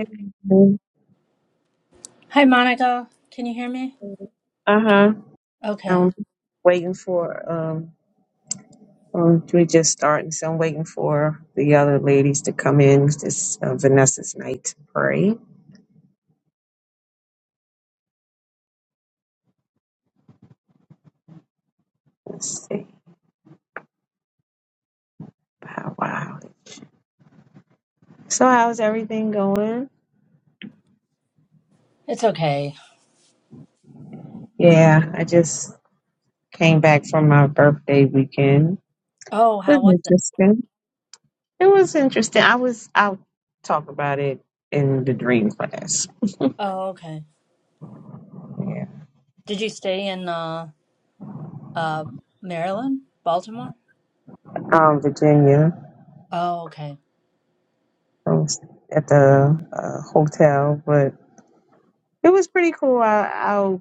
Uh Hi, Monica. Can you hear me? huh. Okay. I'm waiting for um, um we're just starting, so I'm waiting for the other ladies to come in. This uh, Vanessa's night to pray. Let's see. Wow, wow. So how's everything going? It's okay. Yeah, I just came back from my birthday weekend. Oh, It how was was it? interesting. It was interesting. I was. I'll talk about it in the dream class. Oh, okay. Yeah. Did you stay in uh uh Maryland? Baltimore? Um, Virginia. Oh, okay. I was at the uh, hotel, but it was pretty cool. I, I,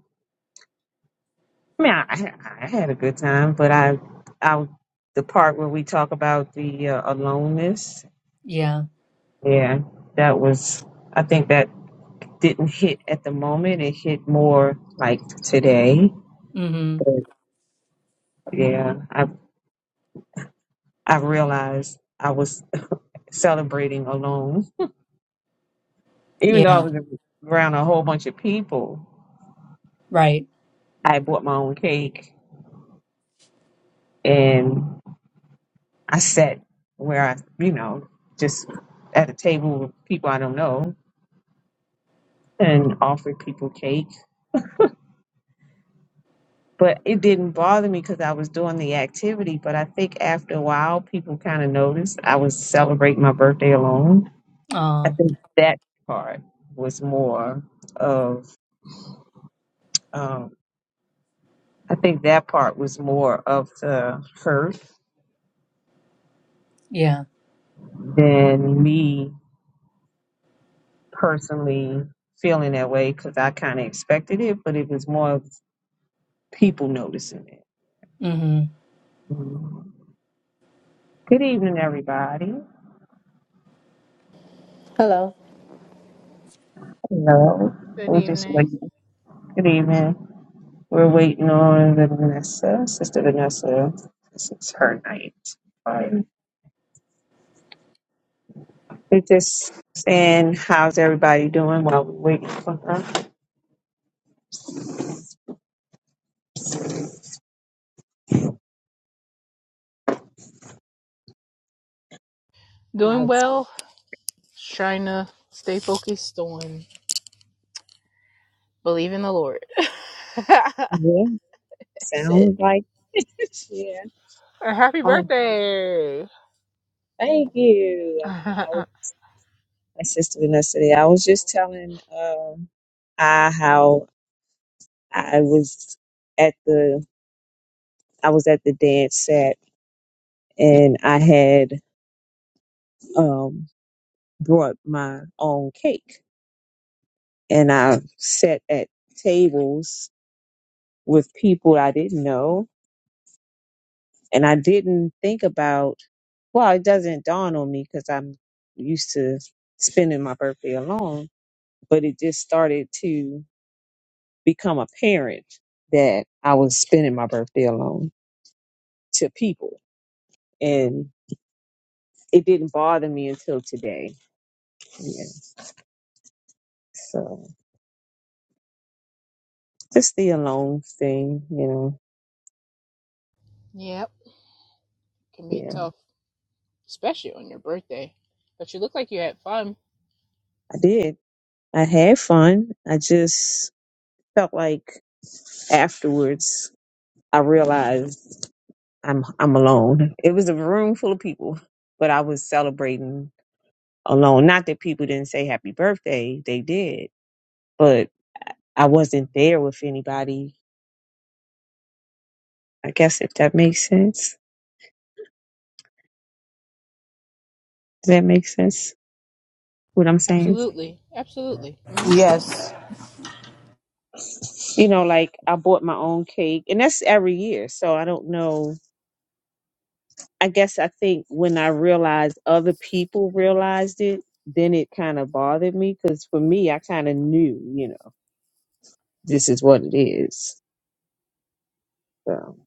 I mean, I, I had a good time, but I, I, the part where we talk about the uh, aloneness, Yeah. yeah, that was. I think that didn't hit at the moment. It hit more like today. Mm-hmm. But yeah, I, I realized I was celebrating alone, even though I Yeah. was around a whole bunch of people. Right. I bought my own cake and. I sat where I, you know, just at a table with people I don't know and offered people cake. But it didn't bother me because I was doing the activity. But I think after a while, people kind of noticed I was celebrating my birthday alone. I Uh think that part was more of, um, I think that part was more of the hurt yeah. than me personally feeling that way because I kind of expected it. But it was more of people noticing it. Mm-hmm. Mhm. Good evening, everybody. Hello. Hello. Good We're just evening. waiting. Good evening. We're waiting on the Vanessa, Sister Vanessa. This is her night. Um, We're just saying, how's everybody doing while we're waiting for her? Doing How's well. Trying to stay focused on believe in the Lord. That's yeah, it. sounds like yeah. Uh, Happy Um, birthday. Thank you. I was my sister Vanessa. there. I was just telling um I how I was at the I was at the dance set and I had um, brought my own cake and I sat at tables with people I didn't know and I didn't think about well it doesn't dawn on me because I'm used to spending my birthday alone but it just started to become apparent that I was spending my birthday alone to people and it didn't bother me until today yeah so just the alone thing, you know. yep. Can be Yeah, tough, especially on your birthday. But you look like you had fun. I did. I had fun. I just felt like afterwards I realized I'm I'm alone. It was a room full of people, but I was celebrating alone. Not that people didn't say happy birthday, they did, but I wasn't there with anybody. I guess if that makes sense. Does that make sense? What I'm saying? Absolutely. Absolutely. hmm Yes. You know, like I bought my own cake, and that's every year. So I don't know I guess I think when I realized other people realized it, then it kind of bothered me because for me, I kind of knew, you know, this is what it is. So,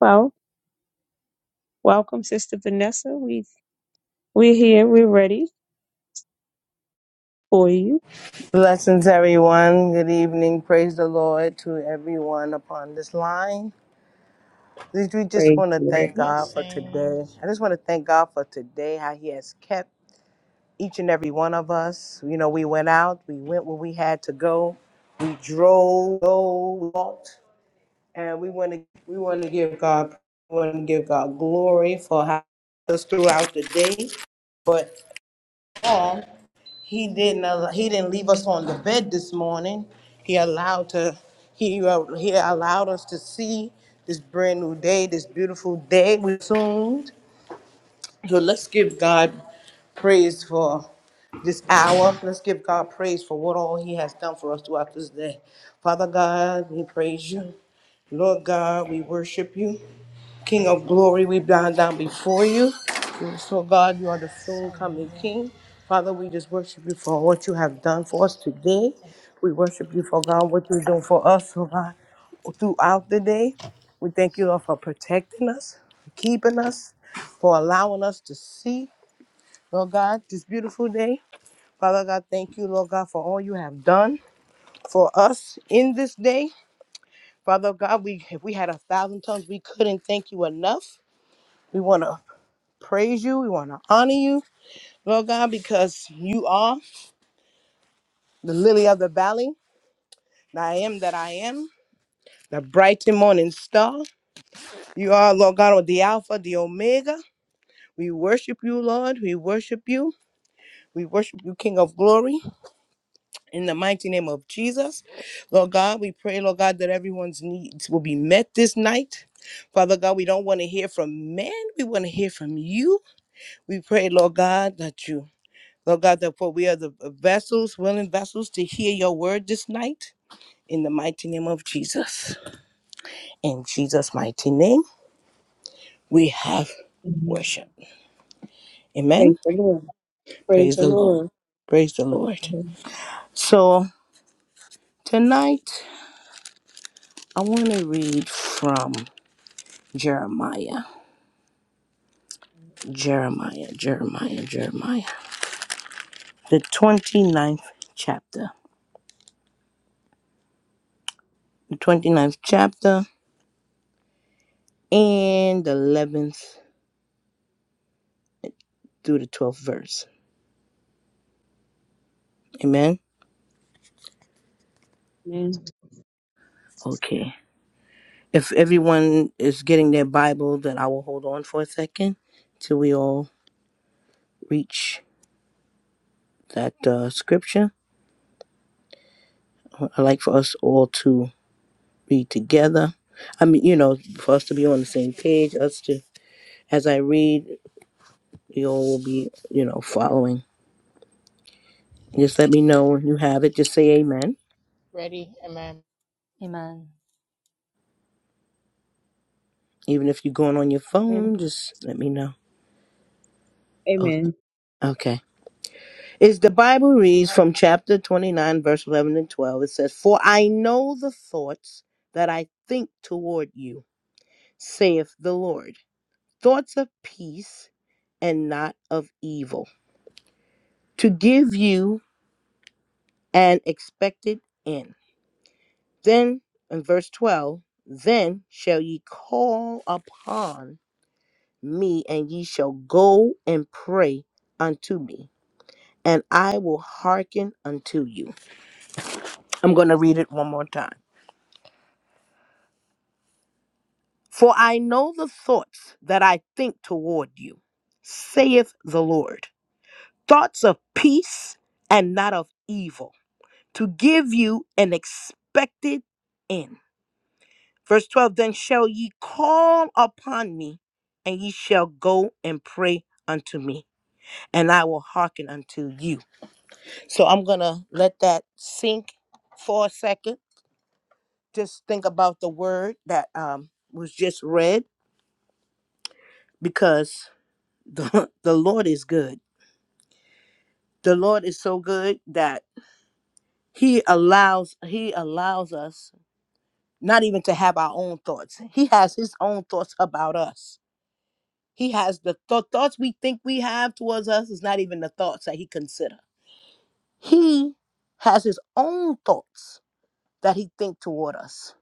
well, welcome, Sister Vanessa. We we're here. We're ready for you. Blessings, everyone. Good evening. Praise the Lord to everyone upon this line. We we just Praise want to the thank Lord. God for today. Blessings. I just want to thank God for today, how He has kept each and every one of us. You know, we went out, we went where we had to go, we drove, we walked, and we want to we want to give God we want to give God glory for how us throughout the day, but all. He didn't. al- He didn't leave us on the bed this morning. He allowed to. He uh, he allowed us to see this brand new day, this beautiful day we assumed. So let's give God praise for this hour. Let's give God praise for what all He has done for us throughout this day. Father God, we praise you. Lord God, we worship you. King of glory, we bow down before you. So, God, you are the soon coming Hallelujah. King. Father, we just worship you for what you have done for Yes. us today. Thank We worship you for God, what you're doing for us, oh God, throughout the day. We thank you, Lord, for protecting us, for keeping us, for allowing us to see, Lord God, this beautiful day. Father God, thank you, Lord God, for all you have done for us in this day. Father God, we if we had a thousand tongues, we couldn't thank you enough. We want to praise you. We want to honor you, Lord God, because you are the lily of the valley, the I am that I am, the bright and morning star. You are, Lord God, the Alpha, the Omega. We worship you, Lord. We worship you. We worship you, King of glory, in the mighty name of Jesus. Lord God, we pray, Lord God, that everyone's needs will be met this night. Father God, we don't want to hear from men. We want to hear from you. We pray, Lord God, that you Lord God, therefore we are the vessels, willing vessels to hear your word this night in the mighty name of Jesus. In Jesus' mighty name, we have Amen. worship. Amen. Praise the Lord. Praise Praise the the Lord. Lord. Praise the Praise Lord. the Lord. So tonight I want to read from Jeremiah, Jeremiah, Jeremiah, Jeremiah, the 29th chapter, the 29th chapter, and the 11th through the 12th verse. Amen. Amen. Okay. If everyone is getting their Bible, then I will hold on for a second till we all reach that uh, scripture. I'd like for us all to be together. I mean, you know, for us to be on the same page, us to, as I read, we all will be, you know, following. Just let me you. know when you have it. Just say amen. Ready? Amen. Amen. Even if you're going on your phone, Good just let me know. Amen. Okay. is the Bible reads from chapter 29, verse 11 and 12. It says, For I know the thoughts that I think toward you, saith the Lord, thoughts of peace and not of evil, to give you an expected end. Then in verse 12, then shall ye call upon me, and ye shall go and pray unto me, and I will hearken unto you. I'm going to read it one more time. For I know the thoughts that I think toward you, saith the Lord, thoughts of peace and not of evil, to give you an expected end. Verse 12 Then shall ye call upon me, and ye shall go and pray unto me, and I will hearken unto you. So I'm going to let that sink for a second. Just think about the word that um, was just read because the, the Lord is good the Lord is so good that he allows he allows us not even to have our own thoughts. He has his own thoughts about us. He has the th- thoughts we think we have towards us is not even the thoughts that he consider. He has his own thoughts that he think toward us.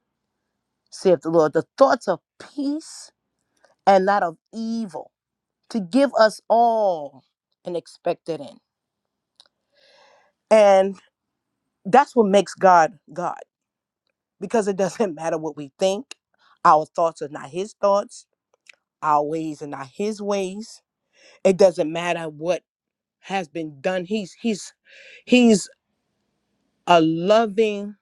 Saith the Lord, the thoughts of peace and not of evil to give us all an expected end. And that's what makes God God. because it doesn't matter what we think. Our thoughts are not his thoughts, our ways are not his ways. It doesn't matter what has been done. He's he's he's a loving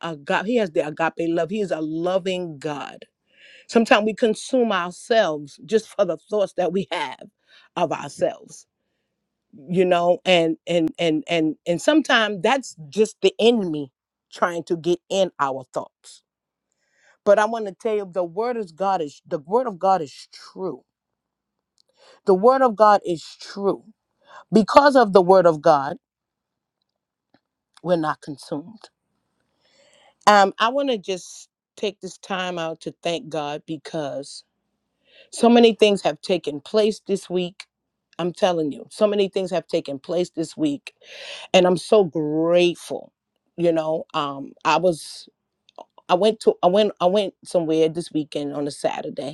agape. He has the agape love. He is a loving God. Sometimes we consume ourselves just for the thoughts that we have of ourselves. You know, and and and and and sometimes that's just the enemy trying to get in our thoughts But I want to tell you the word of God is the word of God is true. The word of God is true. Because of the word of God, we're not consumed. Um, I want to just take this time out to thank God because so many things have taken place this week. I'm telling you, so many things have taken place this week, and I'm so grateful. You know, um, I was I went to I went I went somewhere this weekend on a Saturday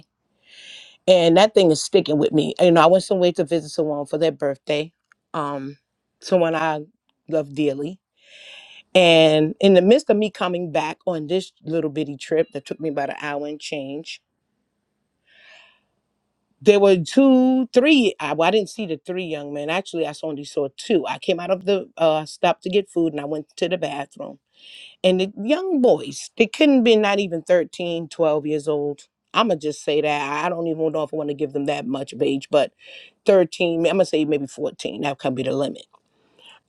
and that thing is sticking with me. You know, I went somewhere to visit someone for their birthday, um, someone I love dearly. And in the midst of me coming back on this little bitty trip that took me about an hour and change, there were two, three. I, well, I didn't see the three young men. Actually, I only saw two. I came out of the uh, stop to get food and I went to the bathroom. And the young boys, they couldn't be not even 13, 12 years old. I'm going to just say that. I I don't even know if I want to give them that much of age, but 13, I'm gonna say maybe 14. That could be the limit.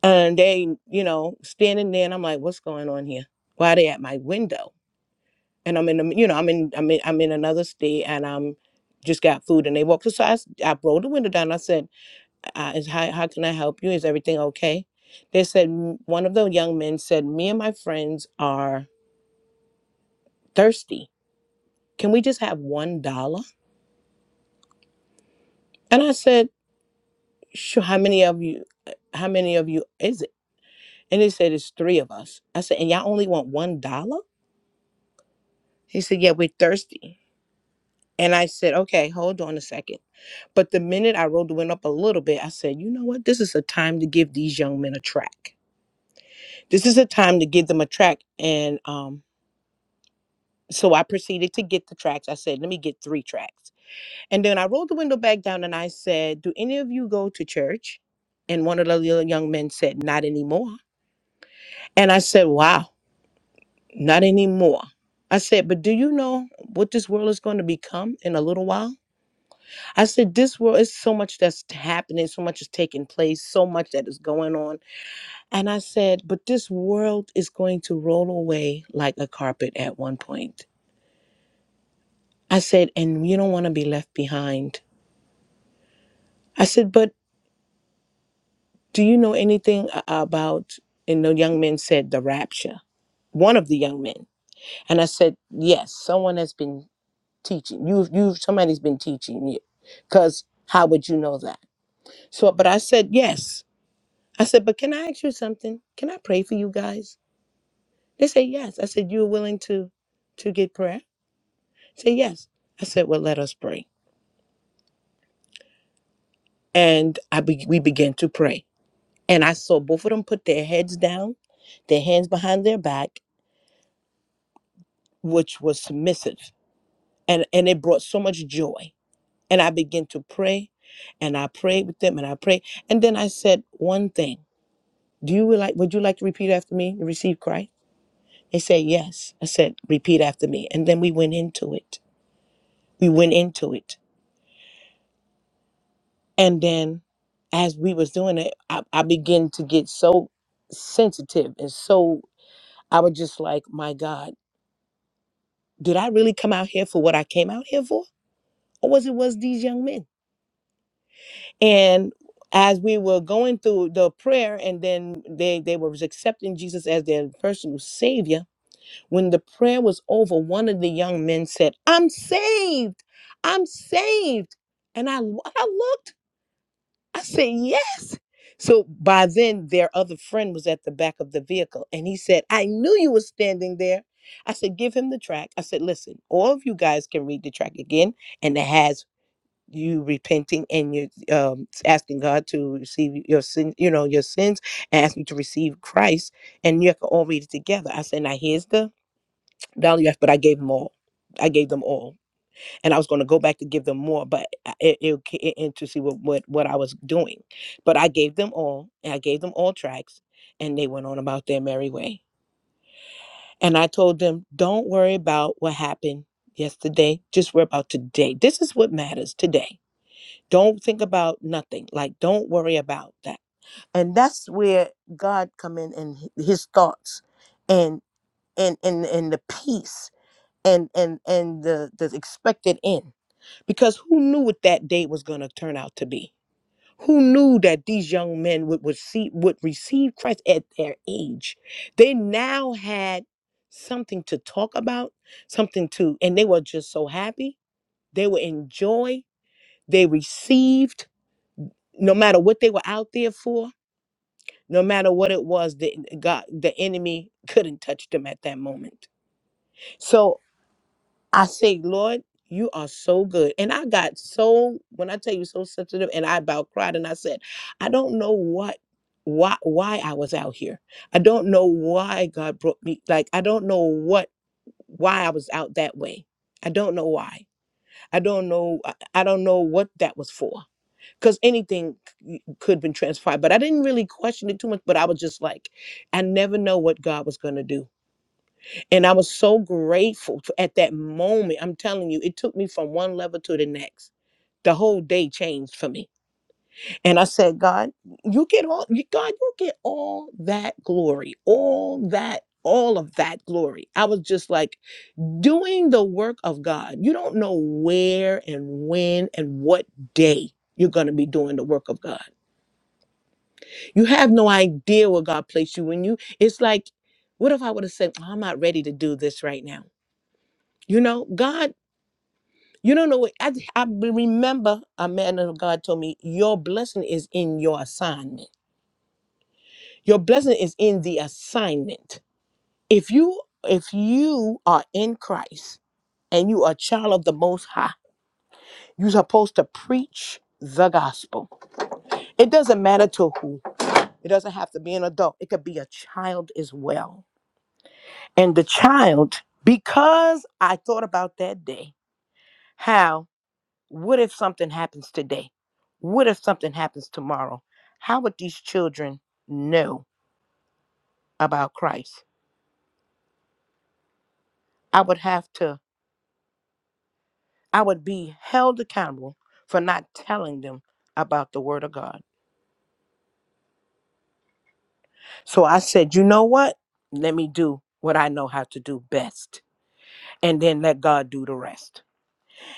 And they, you know, standing there and I'm like, what's going on here? Why are they at my window? And I'm in the, you know, I'm in, I'm in, I'm in another state and I'm just got food and they walked. So I, s- I rolled the window down. and I said, uh, is, how, how can I help you? Is everything okay? They said, "M- one of the young men said, me and my friends are thirsty. Can we just have one dollar? And I said, sure. How many of you, uh, how many of you is it? And they said, It's three of us. I said, And y'all only want one dollar? He said, Yeah, we're thirsty. And I said, Okay, hold on a second. But the minute I rolled the window up a little bit, I said, You know what? This is a time to give these young men a track. This is a time to give them a track. And um, so I proceeded to get the tracks. I said, Let me get three tracks. And then I rolled the window back down and I said, Do any of you go to church? And one of the little young men said, Not anymore. And I said, Wow. Not anymore. I said, but do you know what this world is going to become in a little while? I said, this world is so much that's happening, so much is taking place, so much that is going on. And I said, but this world is going to roll away like a carpet at one point. I said, and you don't want to be left behind. I said, but do you know anything a- about, and the young man said, the rapture? One of the young men. And I said, yes, someone has been teaching. You've you somebody's been teaching you. Cause how would you know that? So but I said yes. I said, but can I ask you something? Can I pray for you guys? They said yes. I said, You're willing to to get prayer? Say yes. I said, Well, let us pray. And I be, we began to pray. And I saw both of them put their heads down, their hands behind their back, which was submissive. And and it brought so much joy. And I began to pray and I prayed with them and I prayed. And then I said one thing. Do you like would you like to repeat after me and receive Christ? They said yes. I said, repeat after me. And then we went into it. We went into it. And then as we was doing it, I, I began to get so sensitive and so I was just like, My God, did I really come out here for what I came out here for? Or was it was these young men? And as we were going through the prayer and then they, they were accepting Jesus as their personal savior When the prayer was over, one of the young men said, I'm saved. I'm saved. And I, I looked, I said, Yes. So by then, their other friend was at the back of the vehicle and he said, I knew you were standing there. I said, Give him the track. I said, Listen, all of you guys can read the track again. And it has you repenting and you um, asking God to receive your sin, you know, your sins and asking you to receive Christ. And you can all read it together. I said, Now here's the not only that, but I gave them all. I gave them all, and I was going to go back to give them more, but I- it, it, it- and to see what, what what I was doing, but I gave them all, and I gave them all tracks, and they went on about their merry way. And I told them, don't worry about what happened yesterday. Just worry about today. This is what matters today. Don't think about nothing. Like don't worry about that. And that's where God come in and h- His thoughts, and and and and the peace and and and the the expected end because who knew what that day was going to turn out to be who knew that these young men would would see would receive christ at their age they now had something to talk about something to and they were just so happy they were in joy they received no matter what they were out there for no matter what it was The god the enemy couldn't touch them at that moment so I say, Lord, you are so good. And I got so, when I tell you so sensitive, and I about cried and I said, I don't know what why why I was out here. I don't know why God brought me. Like I don't know what why I was out that way. I don't know why. I don't know I I don't know what that was for. Cuz anything c- could have been transpired, but I didn't really question it too much, but I was just like I never know what God was going to do and I was so grateful to, at that moment. I'm telling you, it took me from one level to the next. The whole day changed for me. And I said, God, you get all, you, God, you get all that glory, all that, all of that glory. I was just like doing the work of God. You don't know where and when and what day you're going to be doing the work of God. You have no idea where God placed you when you, it's like, what if I would have said, "Oh, I'm not ready to do this right now? You know, God You don't know I, I remember a man of God told me, Your blessing is in your assignment. Your blessing is in the assignment. If you if you are in Christ and you are a child of the most high, you're supposed to preach the gospel. It doesn't matter to who. It doesn't have to be an adult. It could be a child as well. And the child, because I thought about that day, how What if something happens today? What if something happens tomorrow? How would these children know about Christ? I would have to, I would be held accountable for not telling them about the Word of God. So I said, you know what? Let me do what I know how to do best and then let God do the rest.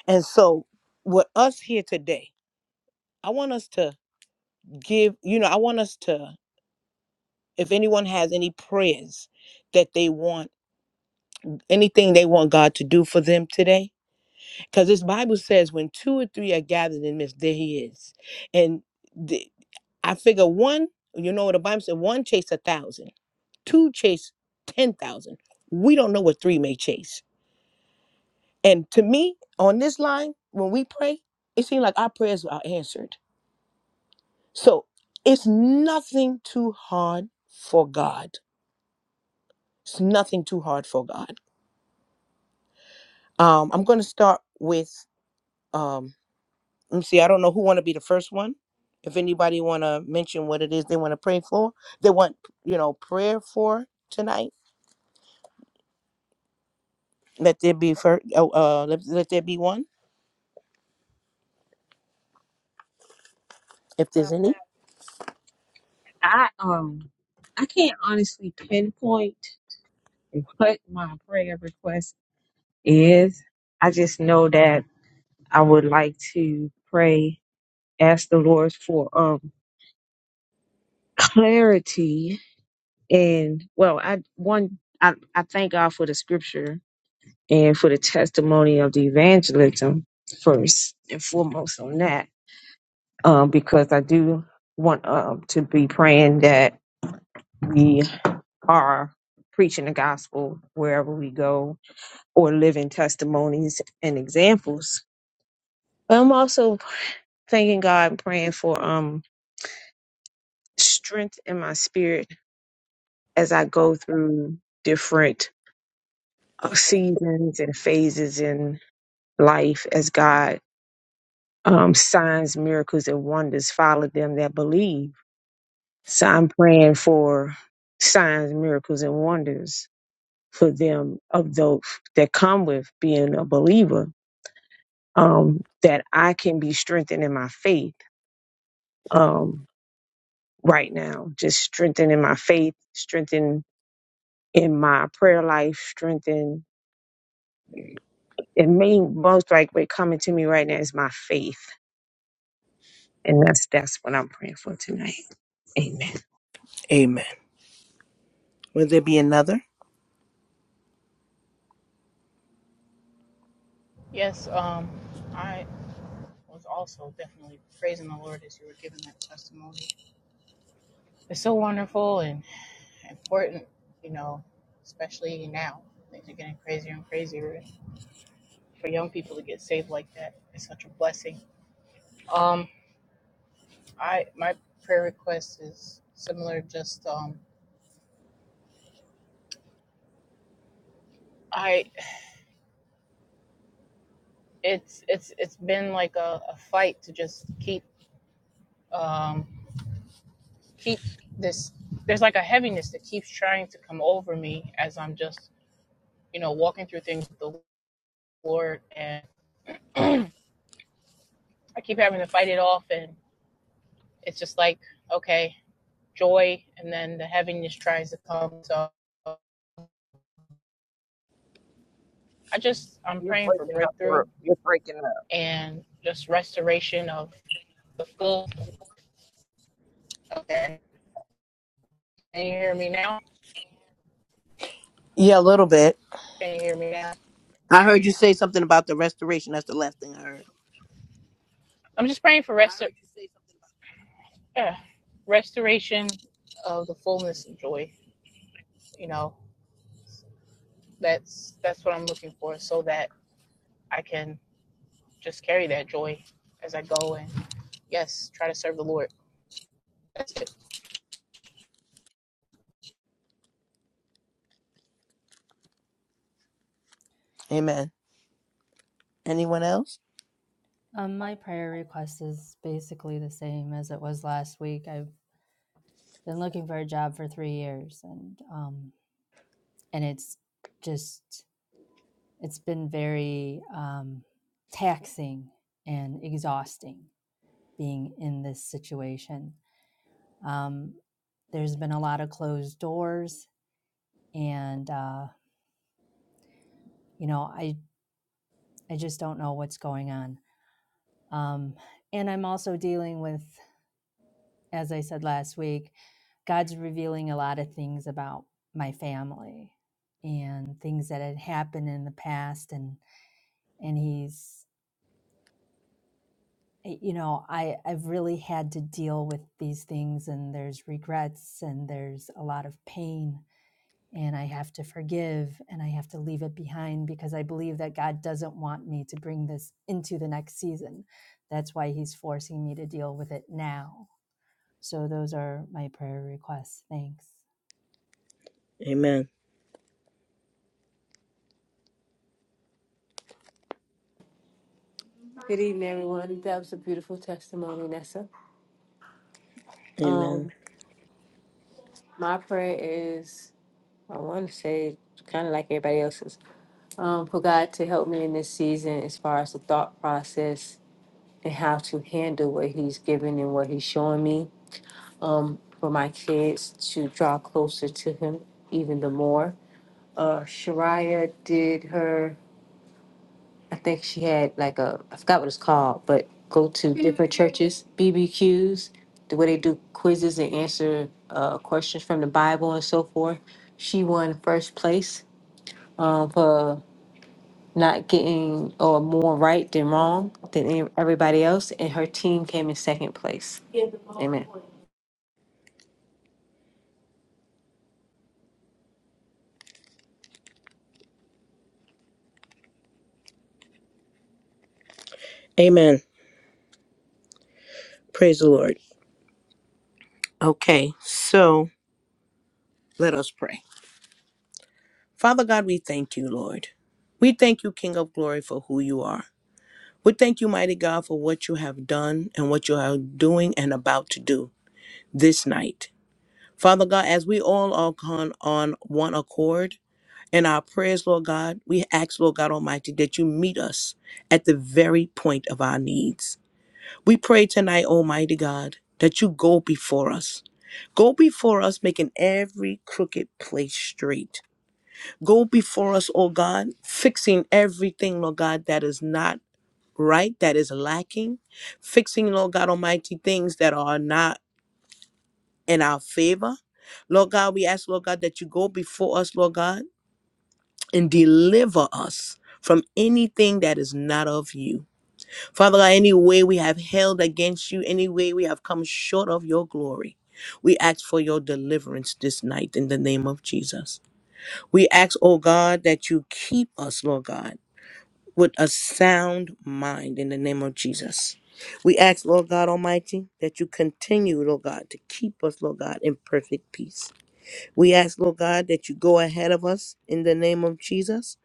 And so, with us here today, I want us to give, you know, I want us to, if anyone has any prayers that they want anything they want God to do for them today. Because this Bible says when two or three are gathered in this, there he is. And the, I figure one, you know what the Bible said, one chase a thousand, two chase 10,000. We don't know what three may chase. And to me, on this line, when we pray, it seems like our prayers are answered. So it's nothing too hard for God. It's nothing too hard for God. Um, I'm going to start with um, Let me see. I don't know who want to be the first one. If anybody want to mention what it is they want to pray for, they want you know prayer for tonight. Let there be first. Oh, uh, let, let there be one. If there's Well, any. I um, I can't honestly pinpoint what my prayer request is. I just know that. I would like to pray, ask the Lord for um clarity and well, I one I, I thank God for the scripture and for the testimony of the evangelism first and foremost on that. Um, because I do want um to be praying that we are preaching the gospel wherever we go or living testimonies and examples. I'm also thanking God and praying for um strength in my spirit as I go through different uh, seasons and phases in life, as God um, signs, miracles, and wonders follow them that believe. So I'm praying for signs, miracles, and wonders for them of those that come with being a believer, um, that I can be strengthened in my faith um, right now, just strengthened in my faith, strengthened in my prayer life, strengthened And me, most likely coming to me right now is my faith. And that's that's what I'm praying for tonight. Amen. Amen. Will there be another? Yes. Um, I was also definitely praising the Lord as you were giving that testimony. It's so wonderful and important, you know, especially now. Things are getting crazier and crazier. For young people to get saved like that is such a blessing. Um, I my prayer request is similar. Just um, I it's it's it's been like a, a fight to just keep um keep this. There's like a heaviness that keeps trying to come over me as I'm just you know walking through things with the Lord, and I keep having to fight it off, and it's just like okay joy and then the heaviness tries to come. So I just I'm You're praying for breaking up. breakthrough Ruth. You're breaking up. and just restoration of the full. Okay, can you hear me now? Yeah, a little bit. Can you hear me now? I heard you say something about the restoration. That's the last thing I heard. I'm just praying for rest. Yeah, restoration of the fullness of joy. You know, that's that's what I'm looking for, so that I can just carry that joy as I go and yes, try to serve the Lord. That's it. Amen. Anyone else? Um, my prayer request is basically the same as it was last week. I've been looking for a job for three years and um and it's just it's been very um taxing and exhausting being in this situation. Um, there's been a lot of closed doors, and uh, you know, I I just don't know what's going on. Um, and I'm also dealing with, as I said last week, God's revealing a lot of things about my family and things that had happened in the past, and and He's eh, you know i i've really had to deal with these things and there's regrets and there's a lot of pain and I have to forgive and I have to leave it behind because I believe that God doesn't want me to bring this into the next season. That's why He's forcing me to deal with it now. So, those are my prayer requests. Thanks. Amen. evening, everyone. That was a beautiful testimony, Nessa. Um, Amen. my prayer is, I want to say, kind of like everybody else's, um, for God to help me in this season as far as the thought process and how to handle what He's given and what He's showing me. Um, for my kids to draw closer to Him even the more. Uh, Shariah did her. I think she had like a I forgot what it's called, but go to different churches, BBQs, the way they do quizzes and answer uh, questions from the Bible and so forth. She won first place um, for not getting or more right than wrong than any- everybody else, and her team came in second place. Amen. Amen. Praise the Lord. Okay, so let us pray. Father God, we thank you, Lord. We thank you, King of Glory, for who you are. We thank you, Mighty God, for what you have done and what you are doing and about to do this night. Father God, as we all are con- on one accord in our prayers, Lord God, we ask, Lord God Almighty, that you meet us at the very point of our needs. We pray tonight, Almighty God, that you go before us. Go before us, making every crooked place straight. Go before us, oh God, fixing everything, Lord God, that is not right, that is lacking, fixing, Lord God Almighty, things that are not in our favor. Lord God, we ask, Lord God, that you go before us, Lord God, and deliver us from anything that is not of you. Father God, any way we have held against you, any way we have come short of your glory, we ask for your deliverance this night in the name of Jesus. We ask, oh God, that you keep us, Lord God with a sound mind in the name of Jesus. We ask, Lord God Almighty, that you continue, Lord God, to keep us, Lord God, in perfect peace. We ask, Lord God, that you go ahead of us in the name of Jesus.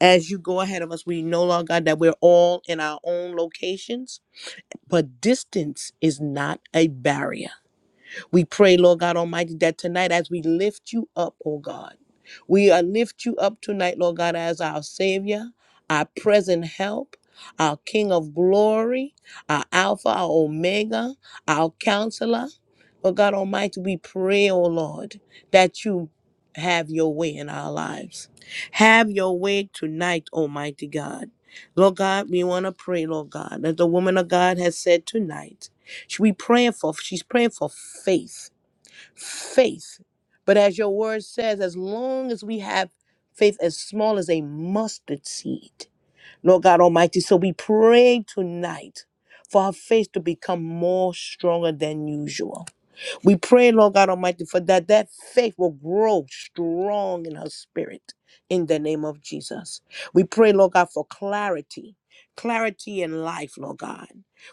As you go ahead of us, we know, Lord God, that we're all in our own locations, but distance is not a barrier. We pray, Lord God Almighty, that tonight as we lift you up, oh God, we uh, lift you up tonight, Lord God, as our Savior, our present help, our King of glory, our Alpha, our Omega, our Counselor. Lord God Almighty, we pray, oh Lord, that you have your way in our lives. Have your way tonight, Almighty God. Lord God, we want to pray, Lord God, that the woman of God has said tonight. She- We praying for she's praying for faith. Faith. But as your word says, as long as we have faith as small as a mustard seed, Lord God Almighty. So we pray tonight for our faith to become more stronger than usual we pray, Lord God Almighty, for that that faith will grow strong in her spirit in the name of Jesus. We pray, Lord God, for clarity, clarity in life, Lord God.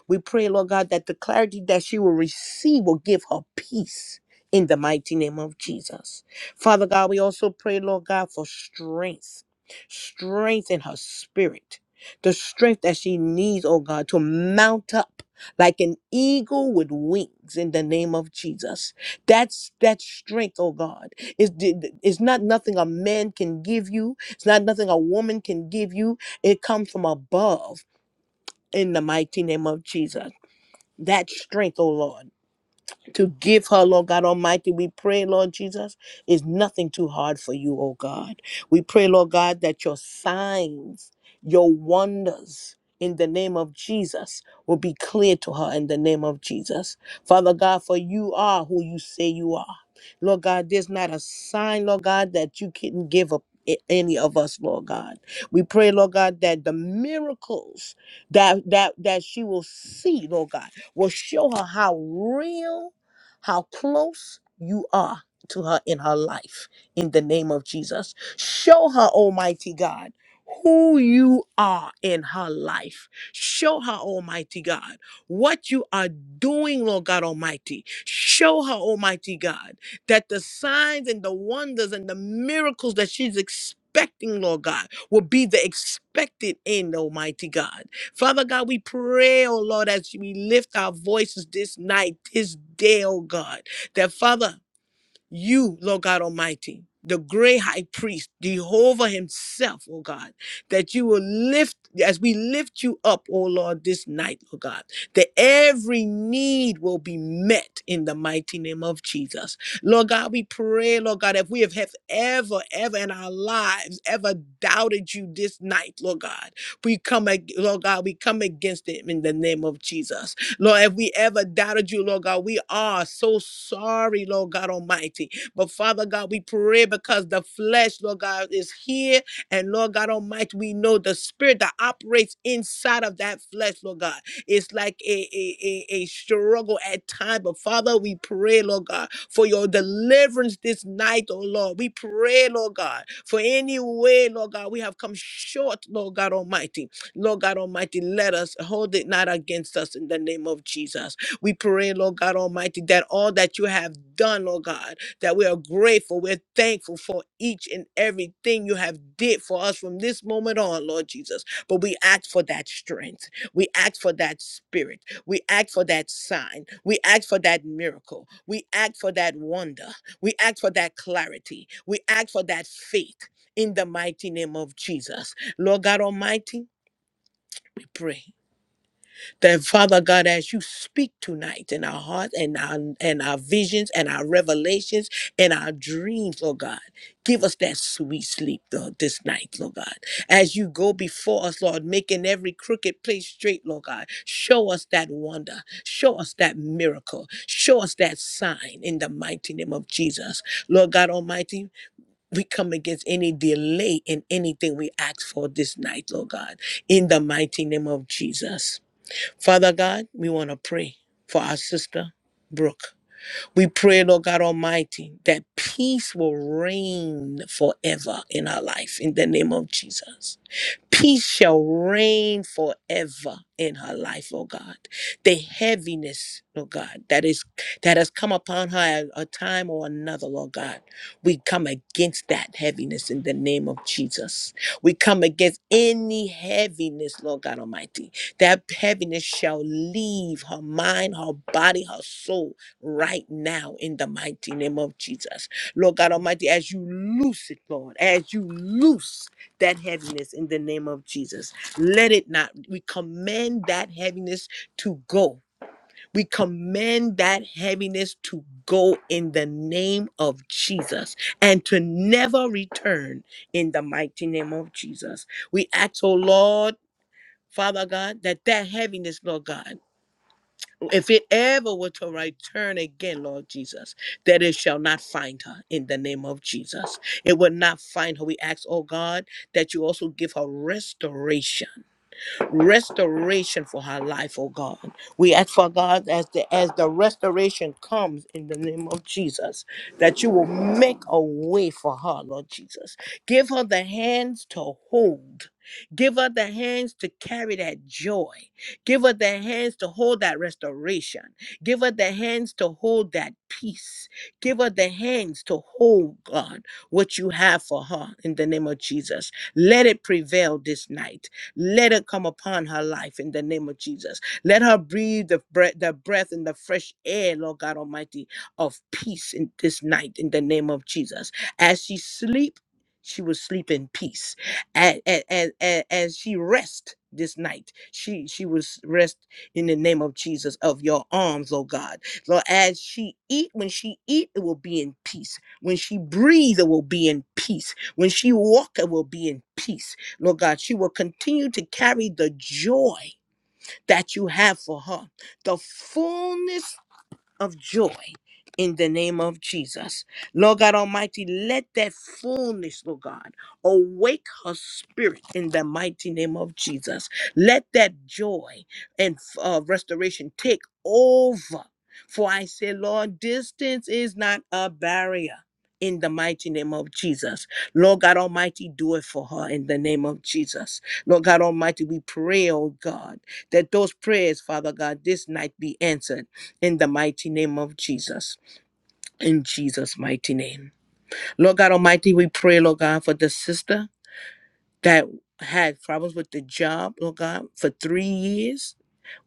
We pray, Lord God, that the clarity that she will receive will give her peace in the mighty name of Jesus. Father God, we also pray, Lord God, for strength, strength in her spirit, the strength that she needs, oh God, to mount up like an eagle with wings in the name of Jesus. That's that strength, oh God. It's, it's not nothing a man can give you, it's not nothing a woman can give you. It comes from above in the mighty name of Jesus. That strength, oh Lord to give her, Lord God Almighty. We pray, Lord Jesus, is nothing too hard for you, oh God. We pray, Lord God, that your signs, your wonders, in the name of Jesus, will be clear to her in the name of Jesus. Father God, for you are who you say you are. Lord God, there's not a sign, Lord God, that you can give up a- any of us, Lord God. We pray, Lord God, that the miracles that that that she will see, Lord God, will show her how real how close you are to her in her life in the name of Jesus. Show her, Almighty God, who you are in her life. Show her, Almighty God, what you are doing, Lord God Almighty. Show her, Almighty God, that the signs and the wonders and the miracles that she's expecting, Lord God, will be the expected end, Almighty God. Father God, we pray, oh Lord, as we lift our voices this night, this day, oh God, that Father, you, Lord God Almighty, the great high priest, Jehovah himself, oh God, that you will lift, as we lift you up, oh Lord, this night, oh God, that every need will be met in the mighty name of Jesus. Lord God, we pray, Lord God, if we have have ever, ever in our lives ever doubted you this night, Lord God, we come, ag- Lord God, we come against it in the name of Jesus. Lord, if we ever doubted you, Lord God, we are so sorry, Lord God Almighty. But Father God, we pray because the flesh, Lord God, is here. And Lord God Almighty, we know the spirit that operates inside of that flesh, Lord God. It's like a, a, a, a struggle at times. But Father, we pray, Lord God, for your deliverance this night, oh Lord. We pray, Lord God, for any way, Lord God, we have come short, Lord God Almighty. Lord God Almighty, let us hold it not against us in the name of Jesus. We pray, Lord God Almighty, that all that you have done, Lord God, that we are grateful, we're thankful for each and everything you have did for us from this moment on, Lord Jesus. But we ask for that strength. We ask for that spirit. We ask for that sign. We ask for that miracle. We ask for that wonder. We ask for that clarity. We ask for that faith in the mighty name of Jesus. Lord God Almighty, pray that Father God, as you speak tonight in our hearts and our and our visions and our revelations and our dreams, Lord God, give us that sweet sleep Lord, this night, Lord God. As you go before us, Lord, making every crooked place straight, Lord God, show us that wonder, show us that miracle, show us that sign in the mighty name of Jesus, Lord God Almighty. We come against any delay in anything we ask for this night, Lord God, in the mighty name of Jesus. Father God, we want to pray for our sister, Brooke. We pray, Lord God Almighty, that peace will reign forever in our life in the name of Jesus. Peace shall reign forever in her life, oh God. The heaviness, oh God, that is that has come upon her at a time or another, Lord God. We come against that heaviness in the name of Jesus. We come against any heaviness, Lord God Almighty. That heaviness shall leave her mind, her body, her soul right now in the mighty name of Jesus. Lord God Almighty, as you loose it, Lord, as you loose that heaviness in the name of Jesus. Let it not. We command that heaviness to go. We command that heaviness to go in the name of Jesus and to never return in the mighty name of Jesus. We ask, oh Lord, Father God, that that heaviness, Lord God, if it ever were to return again, Lord Jesus, that it shall not find her in the name of Jesus. It will not find her. We ask, oh God, that you also give her restoration restoration for her life, oh God. We ask for God as the as the restoration comes in the name of Jesus, that you will make a way for her, Lord Jesus. Give her the hands to hold. Give her the hands to carry that joy. Give her the hands to hold that restoration. Give her the hands to hold that peace. Give her the hands to hold, God, what you have for her in the name of Jesus. Let it prevail this night. Let it come upon her life in the name of Jesus. Let her breathe the breath, the breath and the fresh air, Lord God Almighty, of peace in this night in the name of Jesus. As she sleep, she will sleep in peace. As, as, as, as she rest this night, she she will rest in the name of Jesus of your arms, oh God. Lord, as she eat, when she eat, it will be in peace. When she breathe, it will be in peace. When she walk, it will be in peace Lord God, she will continue to carry the joy that you have for her, the fullness of joy in the name of Jesus. Lord God Almighty, let that fullness, Lord God, awake her spirit in the mighty name of Jesus. Let that joy and uh, restoration take over. For I say, Lord, distance is not a barrier. In the mighty name of Jesus. Lord God Almighty, do it for her in the name of Jesus. Lord God Almighty, we pray, oh God, that those prayers, Father God, this night be answered in the mighty name of Jesus. In Jesus' mighty name. Lord God Almighty, we pray, Lord God, for the sister that had problems with the job, Lord God, for three years.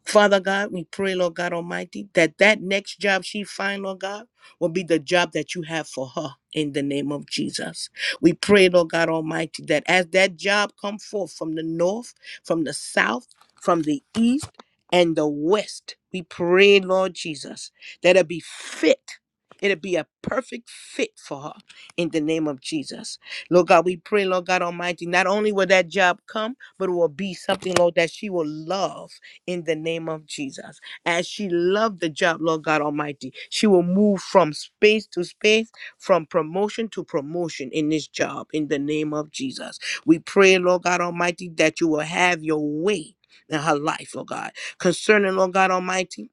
Father God, we pray, Lord God Almighty, that that next job she find, Lord God, will be the job that you have for her in the name of Jesus. We pray, Lord God Almighty, that as that job come forth from the north, from the south, from the east, and the west, we pray, Lord Jesus, that it be fit. It'll be a perfect fit for her in the name of Jesus. Lord God, we pray, Lord God Almighty, not only will that job come, but it will be something, Lord, that she will love in the name of Jesus. As she loved the job, Lord God Almighty, she will move from space to space, from promotion to promotion in this job in the name of Jesus. We pray, Lord God Almighty, that you will have your way. In her life, Lord God. Concerning, Lord God Almighty,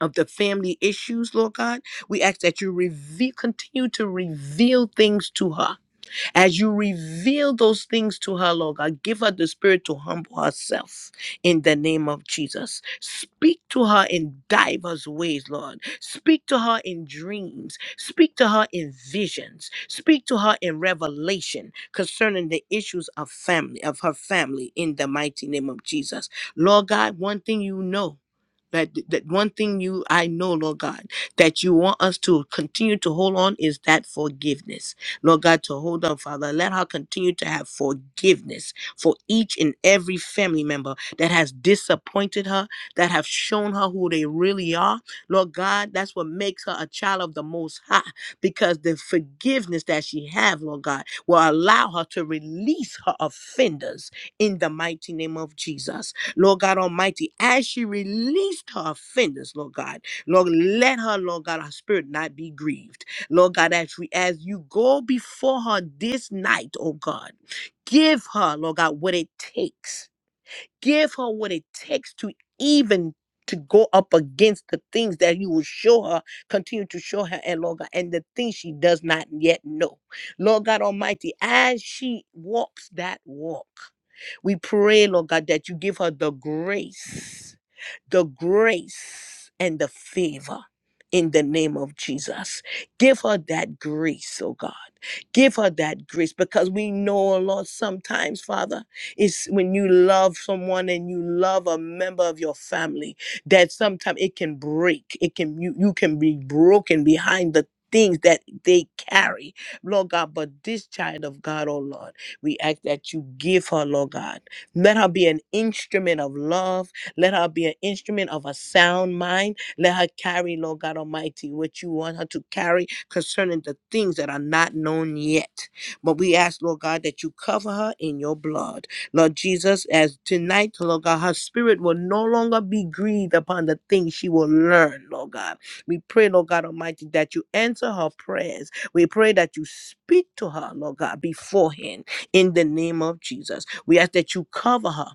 of the family issues, Lord God, we ask that you reveal, continue to reveal things to her as you reveal those things to her, Lord God, give her the spirit to humble herself in the name of Jesus. Speak to her in diverse ways, Lord. Speak to her in dreams. Speak to her in visions. Speak to her in revelation concerning the issues of family, of her family in the mighty name of Jesus. Lord God, one thing you know that that one thing you I know, Lord God, that you want us to continue to hold on is that forgiveness Lord God, to hold up, Father. Let her continue to have forgiveness for each and every family member that has disappointed her, that have shown her who they really are. Lord God, that's what makes her a child of the Most High because the forgiveness that she have, Lord God, will allow her to release her offenders in the mighty name of Jesus. Lord God Almighty, as she released her offenders, Lord God, Lord, let her, Lord God, her spirit not be grieved. Lord God, as we as you go before her this night, oh God, give her, Lord God, what it takes. Give her what it takes to even to go up against the things that you will show her, continue to show her, and Lord God, and the things she does not yet know. Lord God Almighty, as she walks that walk, we pray, Lord God, that you give her the grace the grace and the favor in the name of Jesus. Give her that grace, oh God. Give her that grace because we know, oh Lord, sometimes, Father, it's when you love someone and you love a member of your family that sometimes it can break. It can you you can be broken behind the things that they carry, Lord God. But this child of God, oh Lord, we ask that you give her, Lord God. Let her be an instrument of love let her be an instrument of a sound mind. Let her carry, Lord God Almighty, what you want her to carry concerning the things that are not known yet. But we ask, Lord God, that you cover her in your blood. Lord Jesus, as tonight, Lord God, her spirit will no longer be grieved upon the things she will learn, Lord God. We pray, Lord God Almighty, that you answer her prayers. We pray that you speak to her, Lord God, beforehand in the name of Jesus. We ask that you cover her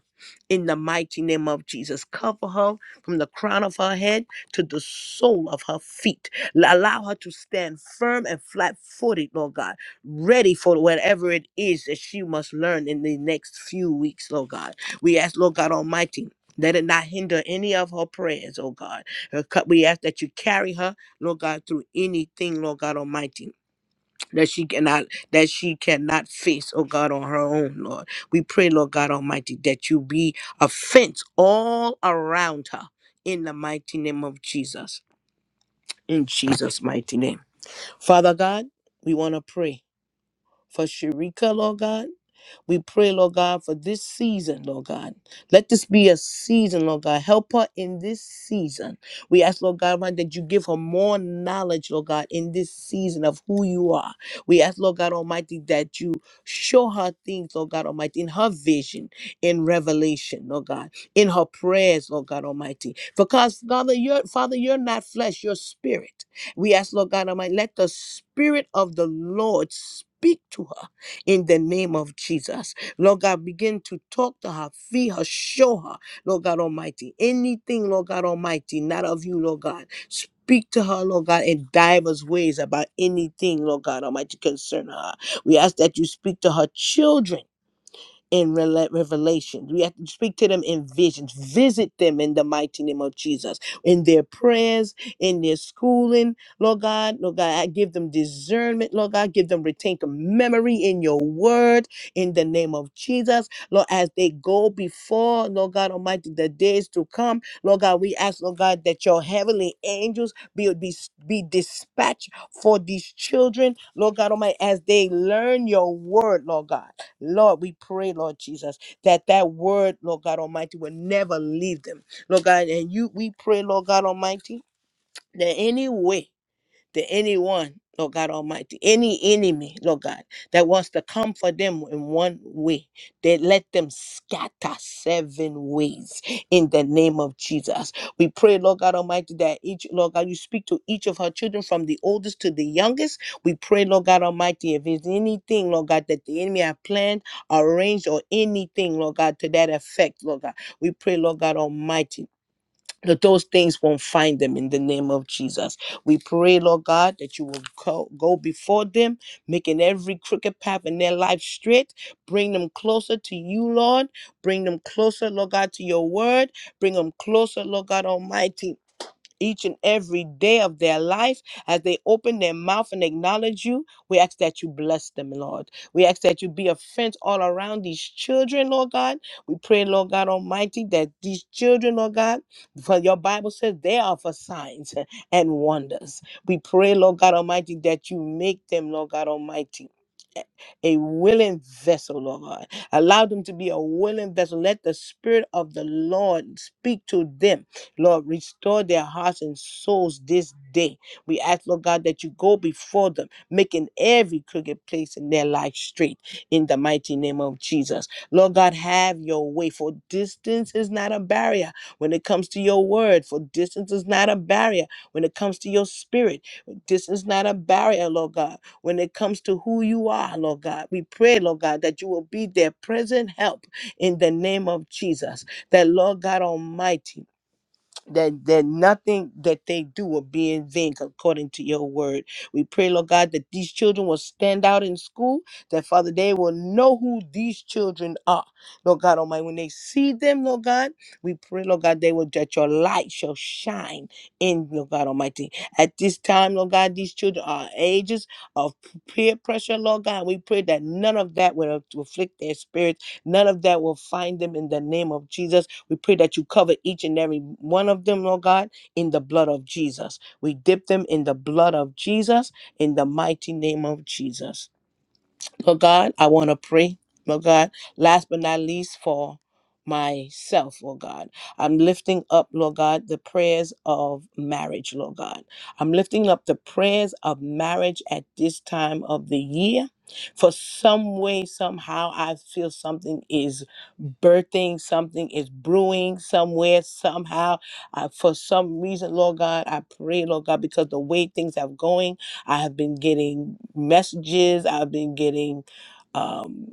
in the mighty name of Jesus. Cover her from the crown of her head to the sole of her feet. Allow her to stand firm and flat footed, Lord God, ready for whatever it is that she must learn in the next few weeks, Lord God. We ask, Lord God Almighty, let it not hinder any of her prayers, oh God. Her cu- We ask that you carry her, Lord God, through anything, Lord God Almighty that she cannot that she cannot face, oh God, on her own, Lord. We pray, Lord God Almighty, that you be a fence all around her in the mighty name of Jesus. In Jesus' mighty name. Father God, we want to pray for Sharika, Lord God. We pray, Lord God, for this season, Lord God. Let this be a season, Lord God. Help her in this season. We ask, Lord God, Almighty, that you give her more knowledge, Lord God, in this season of who you are. We ask, Lord God Almighty, that you show her things, Lord God Almighty, in her vision, in revelation, Lord God, in her prayers, Lord God Almighty. Because, Father, you're, Father, you're not flesh, you're spirit. We ask, Lord God Almighty, let the Spirit of the Lord speak to her in the name of Jesus. Lord God, begin to talk to her, feed her, show her, Lord God Almighty, anything, Lord God Almighty, not of you, Lord God. Speak to her, Lord God, in divers ways about anything, Lord God Almighty, concern her. We ask that you speak to her children in rela- revelations. We have to speak to them in visions. Visit them in the mighty name of Jesus, in their prayers, in their schooling. Lord God, Lord God, I give them discernment. Lord God, give them retain memory in your word in the name of Jesus. Lord, as they go before, Lord God Almighty, the days to come, Lord God, we ask, Lord God, that your heavenly angels be, be, be dispatched for these children, Lord God Almighty, as they learn your word, Lord God. Lord, we pray, Lord Jesus, that that word, Lord God Almighty, will never leave them. Lord God, and you, we pray, Lord God Almighty, that any way to anyone, Lord God Almighty, any enemy, Lord God, that wants to come for them in one way, they let them scatter seven ways in the name of Jesus. We pray, Lord God Almighty, that each, Lord God, you speak to each of her children from the oldest to the youngest. We pray, Lord God Almighty, if there's anything, Lord God, that the enemy have planned, arranged, or anything, Lord God, to that effect, Lord God. We pray, Lord God Almighty, that those things won't find them in the name of Jesus. We pray, Lord God, that you will go, go before them, making every crooked path in their life straight. Bring them closer to you, Lord. Bring them closer, Lord God, to your word. Bring them closer, Lord God Almighty, each and every day of their life as they open their mouth and acknowledge you. We ask that you bless them, Lord. We ask that you be a fence all around these children, Lord God. We pray, Lord God Almighty, that these children, Lord God, for your Bible says they are for signs and wonders. We pray, Lord God Almighty, that you make them, Lord God Almighty. A willing vessel, Lord God. Allow them to be a willing vessel. Let the Spirit of the Lord speak to them Lord, restore their hearts and souls this day. We ask, Lord God, that you go before them, making every crooked place in their life straight in the mighty name of Jesus. Lord God, have your way, for distance is not a barrier when it comes to your word, for distance is not a barrier when it comes to your spirit. Distance is not a barrier, Lord God, when it comes to who you are, Lord God. We pray, Lord God, that you will be their present help in the name of Jesus. That, Lord God Almighty, that that nothing that they do will be in vain according to your word. We pray, Lord God, that these children will stand out in school, that Father, they will know who these children are. Lord God Almighty, when they see them, Lord God, we pray, Lord God, they will that your light shall shine in Lord God Almighty. At this time, Lord God, these children are ages of peer pressure, Lord God. We pray that none of that will afflict their spirits, none of that will find them in the name of Jesus we pray that you cover each and every one of them, Lord God, in the blood of Jesus. We dip them in the blood of Jesus in the mighty name of Jesus. Lord God, I want to pray, Lord God, last but not least for myself, Lord God. I'm lifting up, Lord God, the prayers of marriage, Lord God. I'm lifting up the prayers of marriage at this time of the year. For some way, somehow, I feel something is birthing, something is brewing somewhere, somehow. I, for some reason, Lord God, I pray, Lord God, because the way things have going. I have been getting messages. I've been getting um,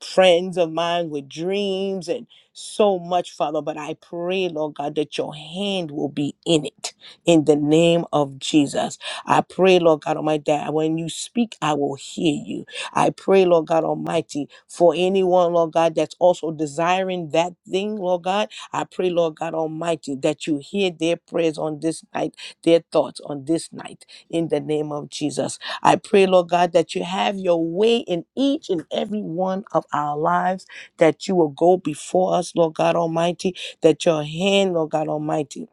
friends of mine with dreams and so much, Father. But I pray, Lord God, that your hand will be in it in the name of Jesus. I pray, Lord God Almighty, that when you speak, I will hear you. I pray, Lord God Almighty, for anyone, Lord God, that's also desiring that thing, Lord God. I pray, Lord God Almighty, that you hear their prayers on this night, their thoughts on this night in the name of Jesus. I pray, Lord God, that you have your way in each and every one of our lives, that you will go before us, Lord God Almighty, that your hand, Lord God Almighty,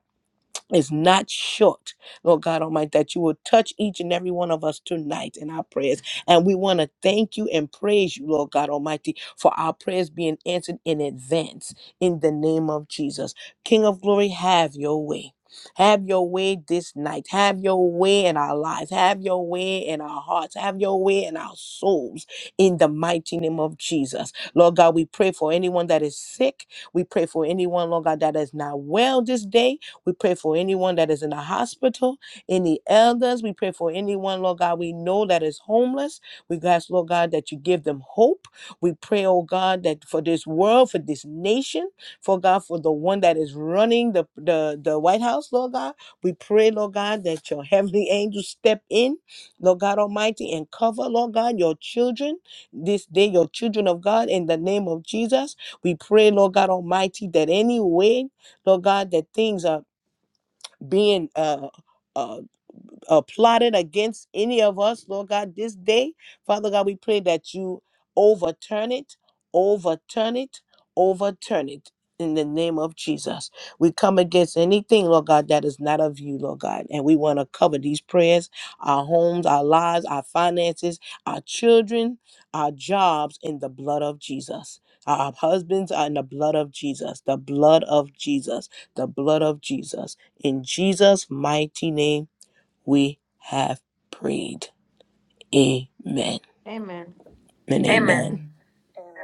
is not short, Lord God Almighty, that you will touch each and every one of us tonight in our prayers. And we want to thank you and praise you, Lord God Almighty, for our prayers being answered in advance in the name of Jesus. King of glory, have your way. Have your way this night. Have your way in our lives. Have your way in our hearts. Have your way in our souls in the mighty name of Jesus. Lord God, we pray for anyone that is sick. We pray for anyone, Lord God, that is not well this day. We pray for anyone that is in the hospital, any elders. We pray for anyone, Lord God, we know that is homeless. We ask, Lord God, that you give them hope. We pray, oh God, that for this world, for this nation, for God, for the one that is running the, the, the White House, Lord God. We pray, Lord God, that your heavenly angels step in, Lord God Almighty, and cover, Lord God, your children this day, your children of God, in the name of Jesus. We pray, Lord God Almighty, that any way, Lord God, that things are being uh uh uh, plotted against any of us, Lord God, this day. Father God, we pray that you overturn it, overturn it, overturn it. In the name of Jesus, we come against anything, Lord God, that is not of you, Lord God. And we want to cover these prayers, our homes, our lives, our finances, our children, our jobs in the blood of Jesus. Our husbands are in the blood of Jesus, the blood of Jesus, the blood of Jesus. In Jesus' mighty name we have prayed. Amen Amen. and Amen. Amen. amen. Amen.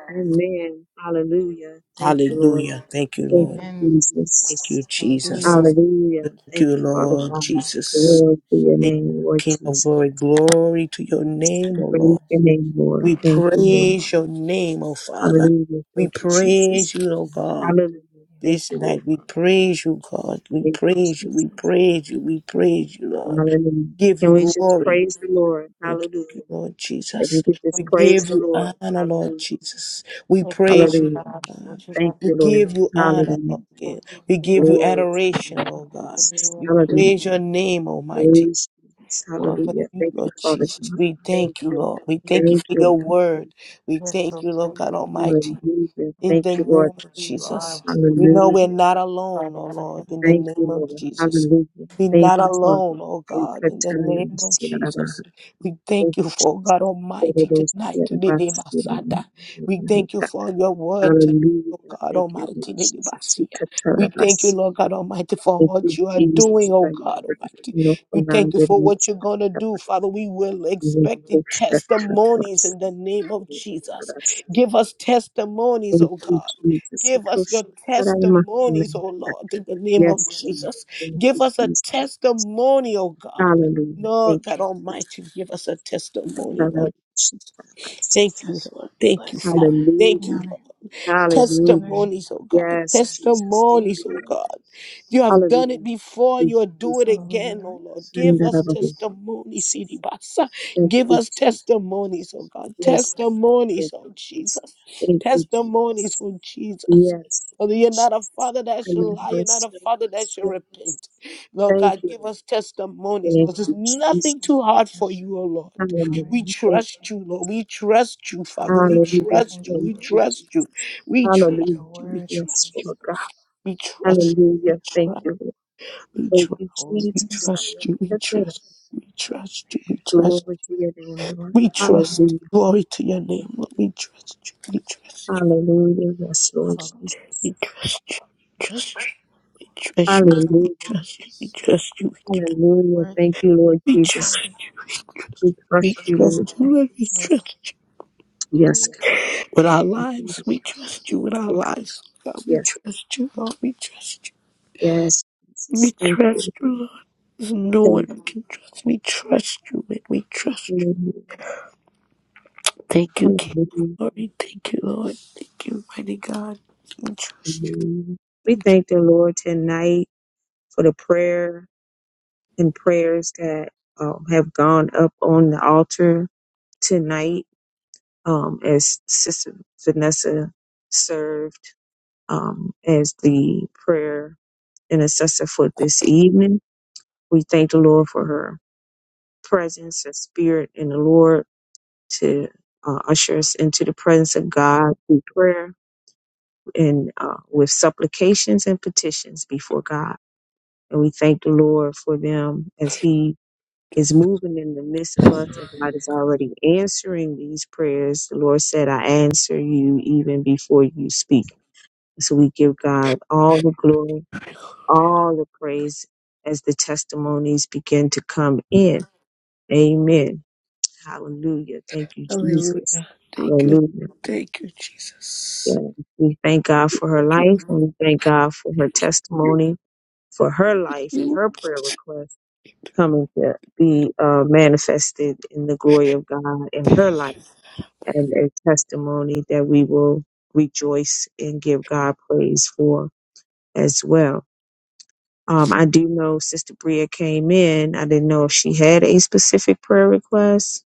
Amen. Hallelujah. Thank you, Lord. Hallelujah. Thank you, Thank Lord. you, Amen. Jesus. Thank you, Jesus. Hallelujah. Hallelujah. Thank you, Thank Thank you, you, Father Father Lord God. God. Jesus. Glory to your Thank you, name, Lord King of Jesus. glory. Glory to your We name, O praise Lord. your name, Lord. We Thank you, Lord. praise your name, O Yes, Lord, Father. Hallelujah. We Thank you, Jesus. praise you, O majesty, God. Hallelujah. you Thank are This you, night Lord. we praise you, God. majesty. We Thank you, praise you. We Jesus. God. praise Thank you. We praise you, Lord. Hallelujah. Give you Can we just glory. praise the Lord? We give you, Hallelujah. Lord If you Jesus. could We just praise give the you Lord. honor, Lord Hallelujah. Jesus. We Thank you, Father praise you, Hallelujah. Lord God, for God. what you Thank have We you, done. Lord. give you honor, Hallelujah. Lord Thank God. you, We give Jesus. you Glory to the adoration, name Lord of God. Jesus. Hallelujah. We Hallelujah. praise your name, Almighty. Praise Jesus. Father, Hallelujah. you, Thank you, Lord Father Jesus, God. we Thank thank you, you. Thank Lord. We you. thank you Thank for you, your Lord. Thank word. We Yes, thank you, Lord Lord. God Almighty. you, Hallelujah. In Thank the you, Lord. name of you are Jesus. to We know we're be Hallelujah. not by alone, the oh God. Lord, in the Thank name you, of Lord. Jesus. Hallelujah. We're Thank not you, Father. alone, oh Thank God, in the you, name of Jesus. Thank Jesus. We thank you for oh God you, Almighty Jesus. tonight, today, day, Masada. Thank We you thank Lord. you for your word today. Hallelujah. Oh God Thank you, Almighty, Lord today, day, Jesus. We Basia. cut out we of thank you, us. Lord God Almighty, for Thank what you, you are Jesus. doing, oh Thank you, God Lord. Almighty. No We thank you commander for what needs you're to going to have do, a Father. We will We expect in push that out of testimonies us. in the name of We cut Jesus. out of us. Give us testimonies, Thank oh you, God. Jesus. We Give us push your it. that out of testimonies, oh us. Lord, in the name of Yes, Lord. Jesus. Thank Give you, us a Jesus. testimony, oh God. Hallelujah. Thank Lord God you, Jesus. Almighty, give us a testimony, Cut out Lord. of us. Cut out of us. Thank you, Yes, Lord. Lord, we Thank you, bless you. Father. We Thank you, Hallelujah. Lord honor you, Lord Jesus. We Hallelujah. worship testimonies, oh God, Yes, you. Jesus. Thank Thank you, testimonies, you, oh Lord. Lord God. Jesus. You have done it Hallelujah. Thank before, you, you'll Jesus. do it Hallelujah, again, oh Lord. Give us Jesus. Unbearable. Jesus. testimonies, Idibasa. Thank Give you, us Jesus. testimonies, oh God, Yes, God. Yes, testimonies, Thank oh you, Jesus. Jesus, Thank you, testimonies, Jesus. oh Jesus. Lord Yes, Father, you're not a Jesus. father that I shall lie. love You're not us. a Lord, father that us, shall Yes. repent. Lord Thank God, you, give Lord. us testimonies, Thank Lord. There's you, nothing Jesus. too hard for you, oh Lord. We Hallelujah. Thank, trust you, Lord. We trust you, Father. We hallelujah. trust you. We Thank you, trust you. Jesus. We trust Hallelujah. you. We Yes, trust you. Lord God. We trust. We Hallelujah. Thank trust. you, Lord. We Thank trust. you, We Jesus. trust you. We Hallelujah. trust. We trust you. We trust. Glory to your name, Lord. We trust. Hallelujah. Glory to your name, Lord. We trust you. We trust you. Hallelujah. Yes, Lord Jesus. We trust you. Trust you. Trust you. We trust Hallelujah. you. We trust you. Hallelujah. Thank you, Lord We Jesus. trust Jesus. you. We trust you. We trust We you, Lord trust you. Lord. We Jesus. Hallelujah. trust you. Yes, Holy. God. With Thank you. Thank our you, lives, we trust you. With our Lord. lives, God, we Yes, trust you. Lord, we trust you. yes, We Jesus. Thank you. trust you, Lord. no one Thank you. can trust. We trust you, and we trust you. Lord. Thank you, King. of Hallelujah. Glory. Thank you, Lord. Thank you, mighty God. We trust you. Hallelujah. We We thank trust the Lord tonight for the prayer and prayers that um, have gone up on the altar tonight um, as Sister Vanessa served um, as the prayer intercessor for this evening. We thank the Lord for her presence and spirit in the Lord to uh, usher us into the presence of God through prayer and uh, with supplications and petitions before God. And we thank the Lord for them as He is moving in the midst of us and God is already answering these prayers. The Lord said, I answer you even before you speak. So we give God all the glory, you. all the praise as the testimonies begin to come in. Amen. Hallelujah. Thank you, Jesus. Hallelujah. Thank you. Hallelujah. Thank you, Yeah. Jesus. We thank God for her Thank life you. and we thank God for her Thank you. testimony, for her Thank life and you. her prayer request coming to be uh, manifested in the glory of God in her life and a testimony that we will rejoice and give God praise for as well. Um, I do know Sister Bria came in. I didn't know if she had a specific prayer request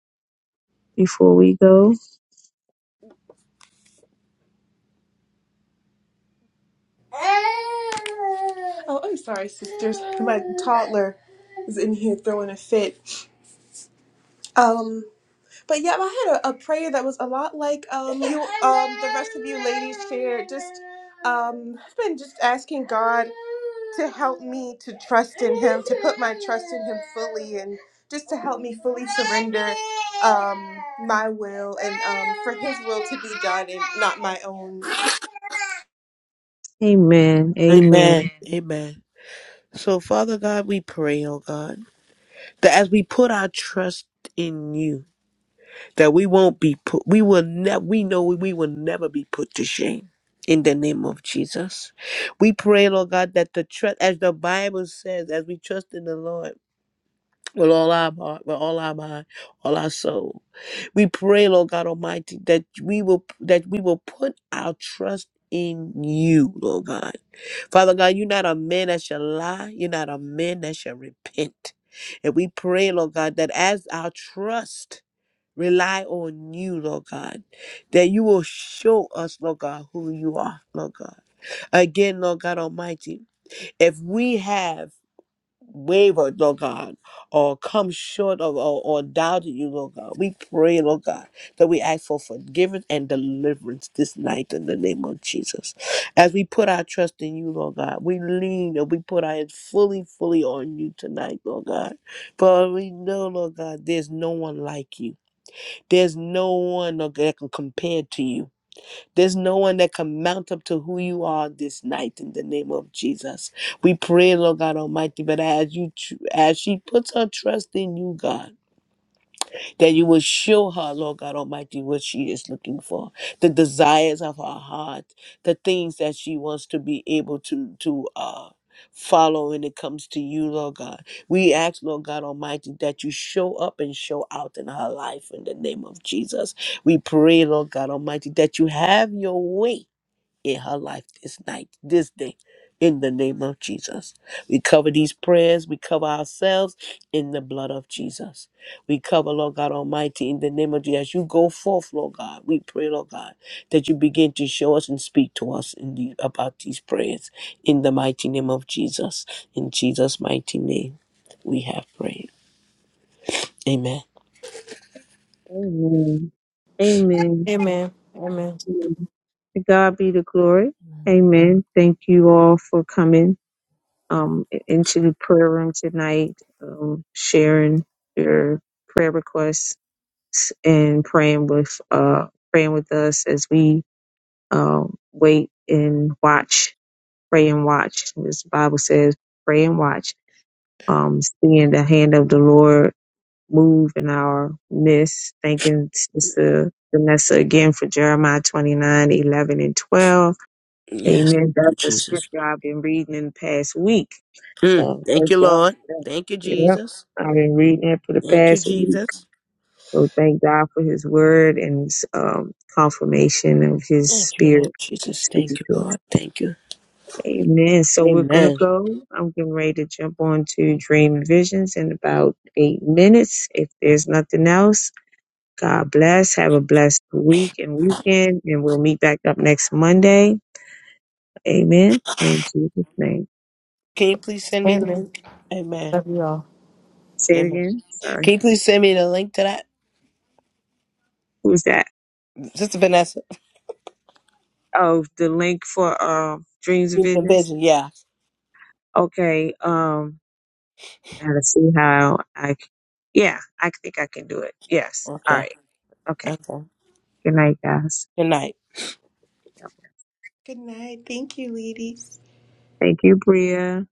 before we go. Oh, I'm sorry, sisters. My toddler is in here throwing a fit. Um, but yeah, I had a, a prayer that was a lot like um you um the rest of you ladies shared. Just um I've been just asking God to help me to trust in him, to put my trust in him fully and just to help me fully surrender um my will and um for his will to be done and not my own. Amen. Amen. Amen. Amen. So, Father God, we pray, oh God, that as we put our trust in you, that we won't be put we will never we know we will never be put to shame in the name of Jesus. We pray, Lord God, that the trust as the Bible says, as we trust in the Lord with all our heart, with all our mind, all our soul. We pray, Lord God Almighty, that we will that we will put our trust in you, Lord God. Father God, you're not a man that shall lie. You're not a man that shall repent. And we pray, Lord God, that as our trust rely on you, Lord God, that you will show us, Lord God, who you are, Lord God. Again, Lord God Almighty, if we have wavered, Lord God, or come short of or, or doubted you, Lord God, we pray, Lord God, that we ask for forgiveness and deliverance this night in the name of Jesus. As we put our trust in you, Lord God, we lean and we put our hands fully, fully on you tonight, Lord God. For we know, Lord God, there's no one like you. There's no one that can compare to you. There's no one that can mount up to who you are this night in the name of Jesus. We pray, Lord God Almighty, but as you as she puts her trust in you, God that you will show her, Lord God Almighty, what she is looking for, the desires of her heart, the things that she wants to be able to to uh follow when it comes to you, Lord God. We ask, Lord God Almighty, that you show up and show out in her life in the name of Jesus. We pray, Lord God Almighty, that you have your way in her life this night, this day, in the name of Jesus. We cover these prayers, we cover ourselves in the blood of Jesus. We cover, Lord God Almighty, in the name of Jesus. As you go forth, Lord God, we pray, Lord God, that you begin to show us and speak to us in the, about these prayers in the mighty name of Jesus. In Jesus' mighty name, we have prayed. Amen. Amen. Amen. Amen. Amen. To God be the glory. you. Amen. Amen. Thank you all for coming um, into the prayer room tonight, um, sharing your prayer requests and praying with uh, praying with us as we um, wait and watch, pray and watch. As the Bible says, pray and watch, um, seeing the hand of the Lord move in our midst. Thanking Sister Vanessa again for Jeremiah 29 11 and 12. Yes. Amen. That's Thank the you, Jesus. scripture I've been reading in the past week. Mm. So Thank thank you, God Lord. for that. Thank you, Yep. Jesus. I've been reading it for the Thank you, past week. Jesus. So thank God for his word and his um, confirmation of his Thank you, Lord spirit Jesus. speaking Thank you, to us. Lord. Thank you. Amen. So we're going to Amen. go. I'm getting ready to jump on to dream and visions in about eight minutes. If there's nothing else, God bless. Have a blessed week and weekend. And we'll meet back up next Monday. Amen. In Jesus' name. Can you please send me the Amen. link? Amen. Love you all. Say it Amen. again. Sorry. Can you please send me the link to that? Who's that? Sister Vanessa. Oh, the link for um dreams and Give me the visions. vision. Yeah. Okay. Um I gotta see how I c- yeah, I think I can do it. Yes. All Okay. right. Okay. Okay. Good night, guys. Good night. Good night. Thank you, ladies. Thank you, Bria.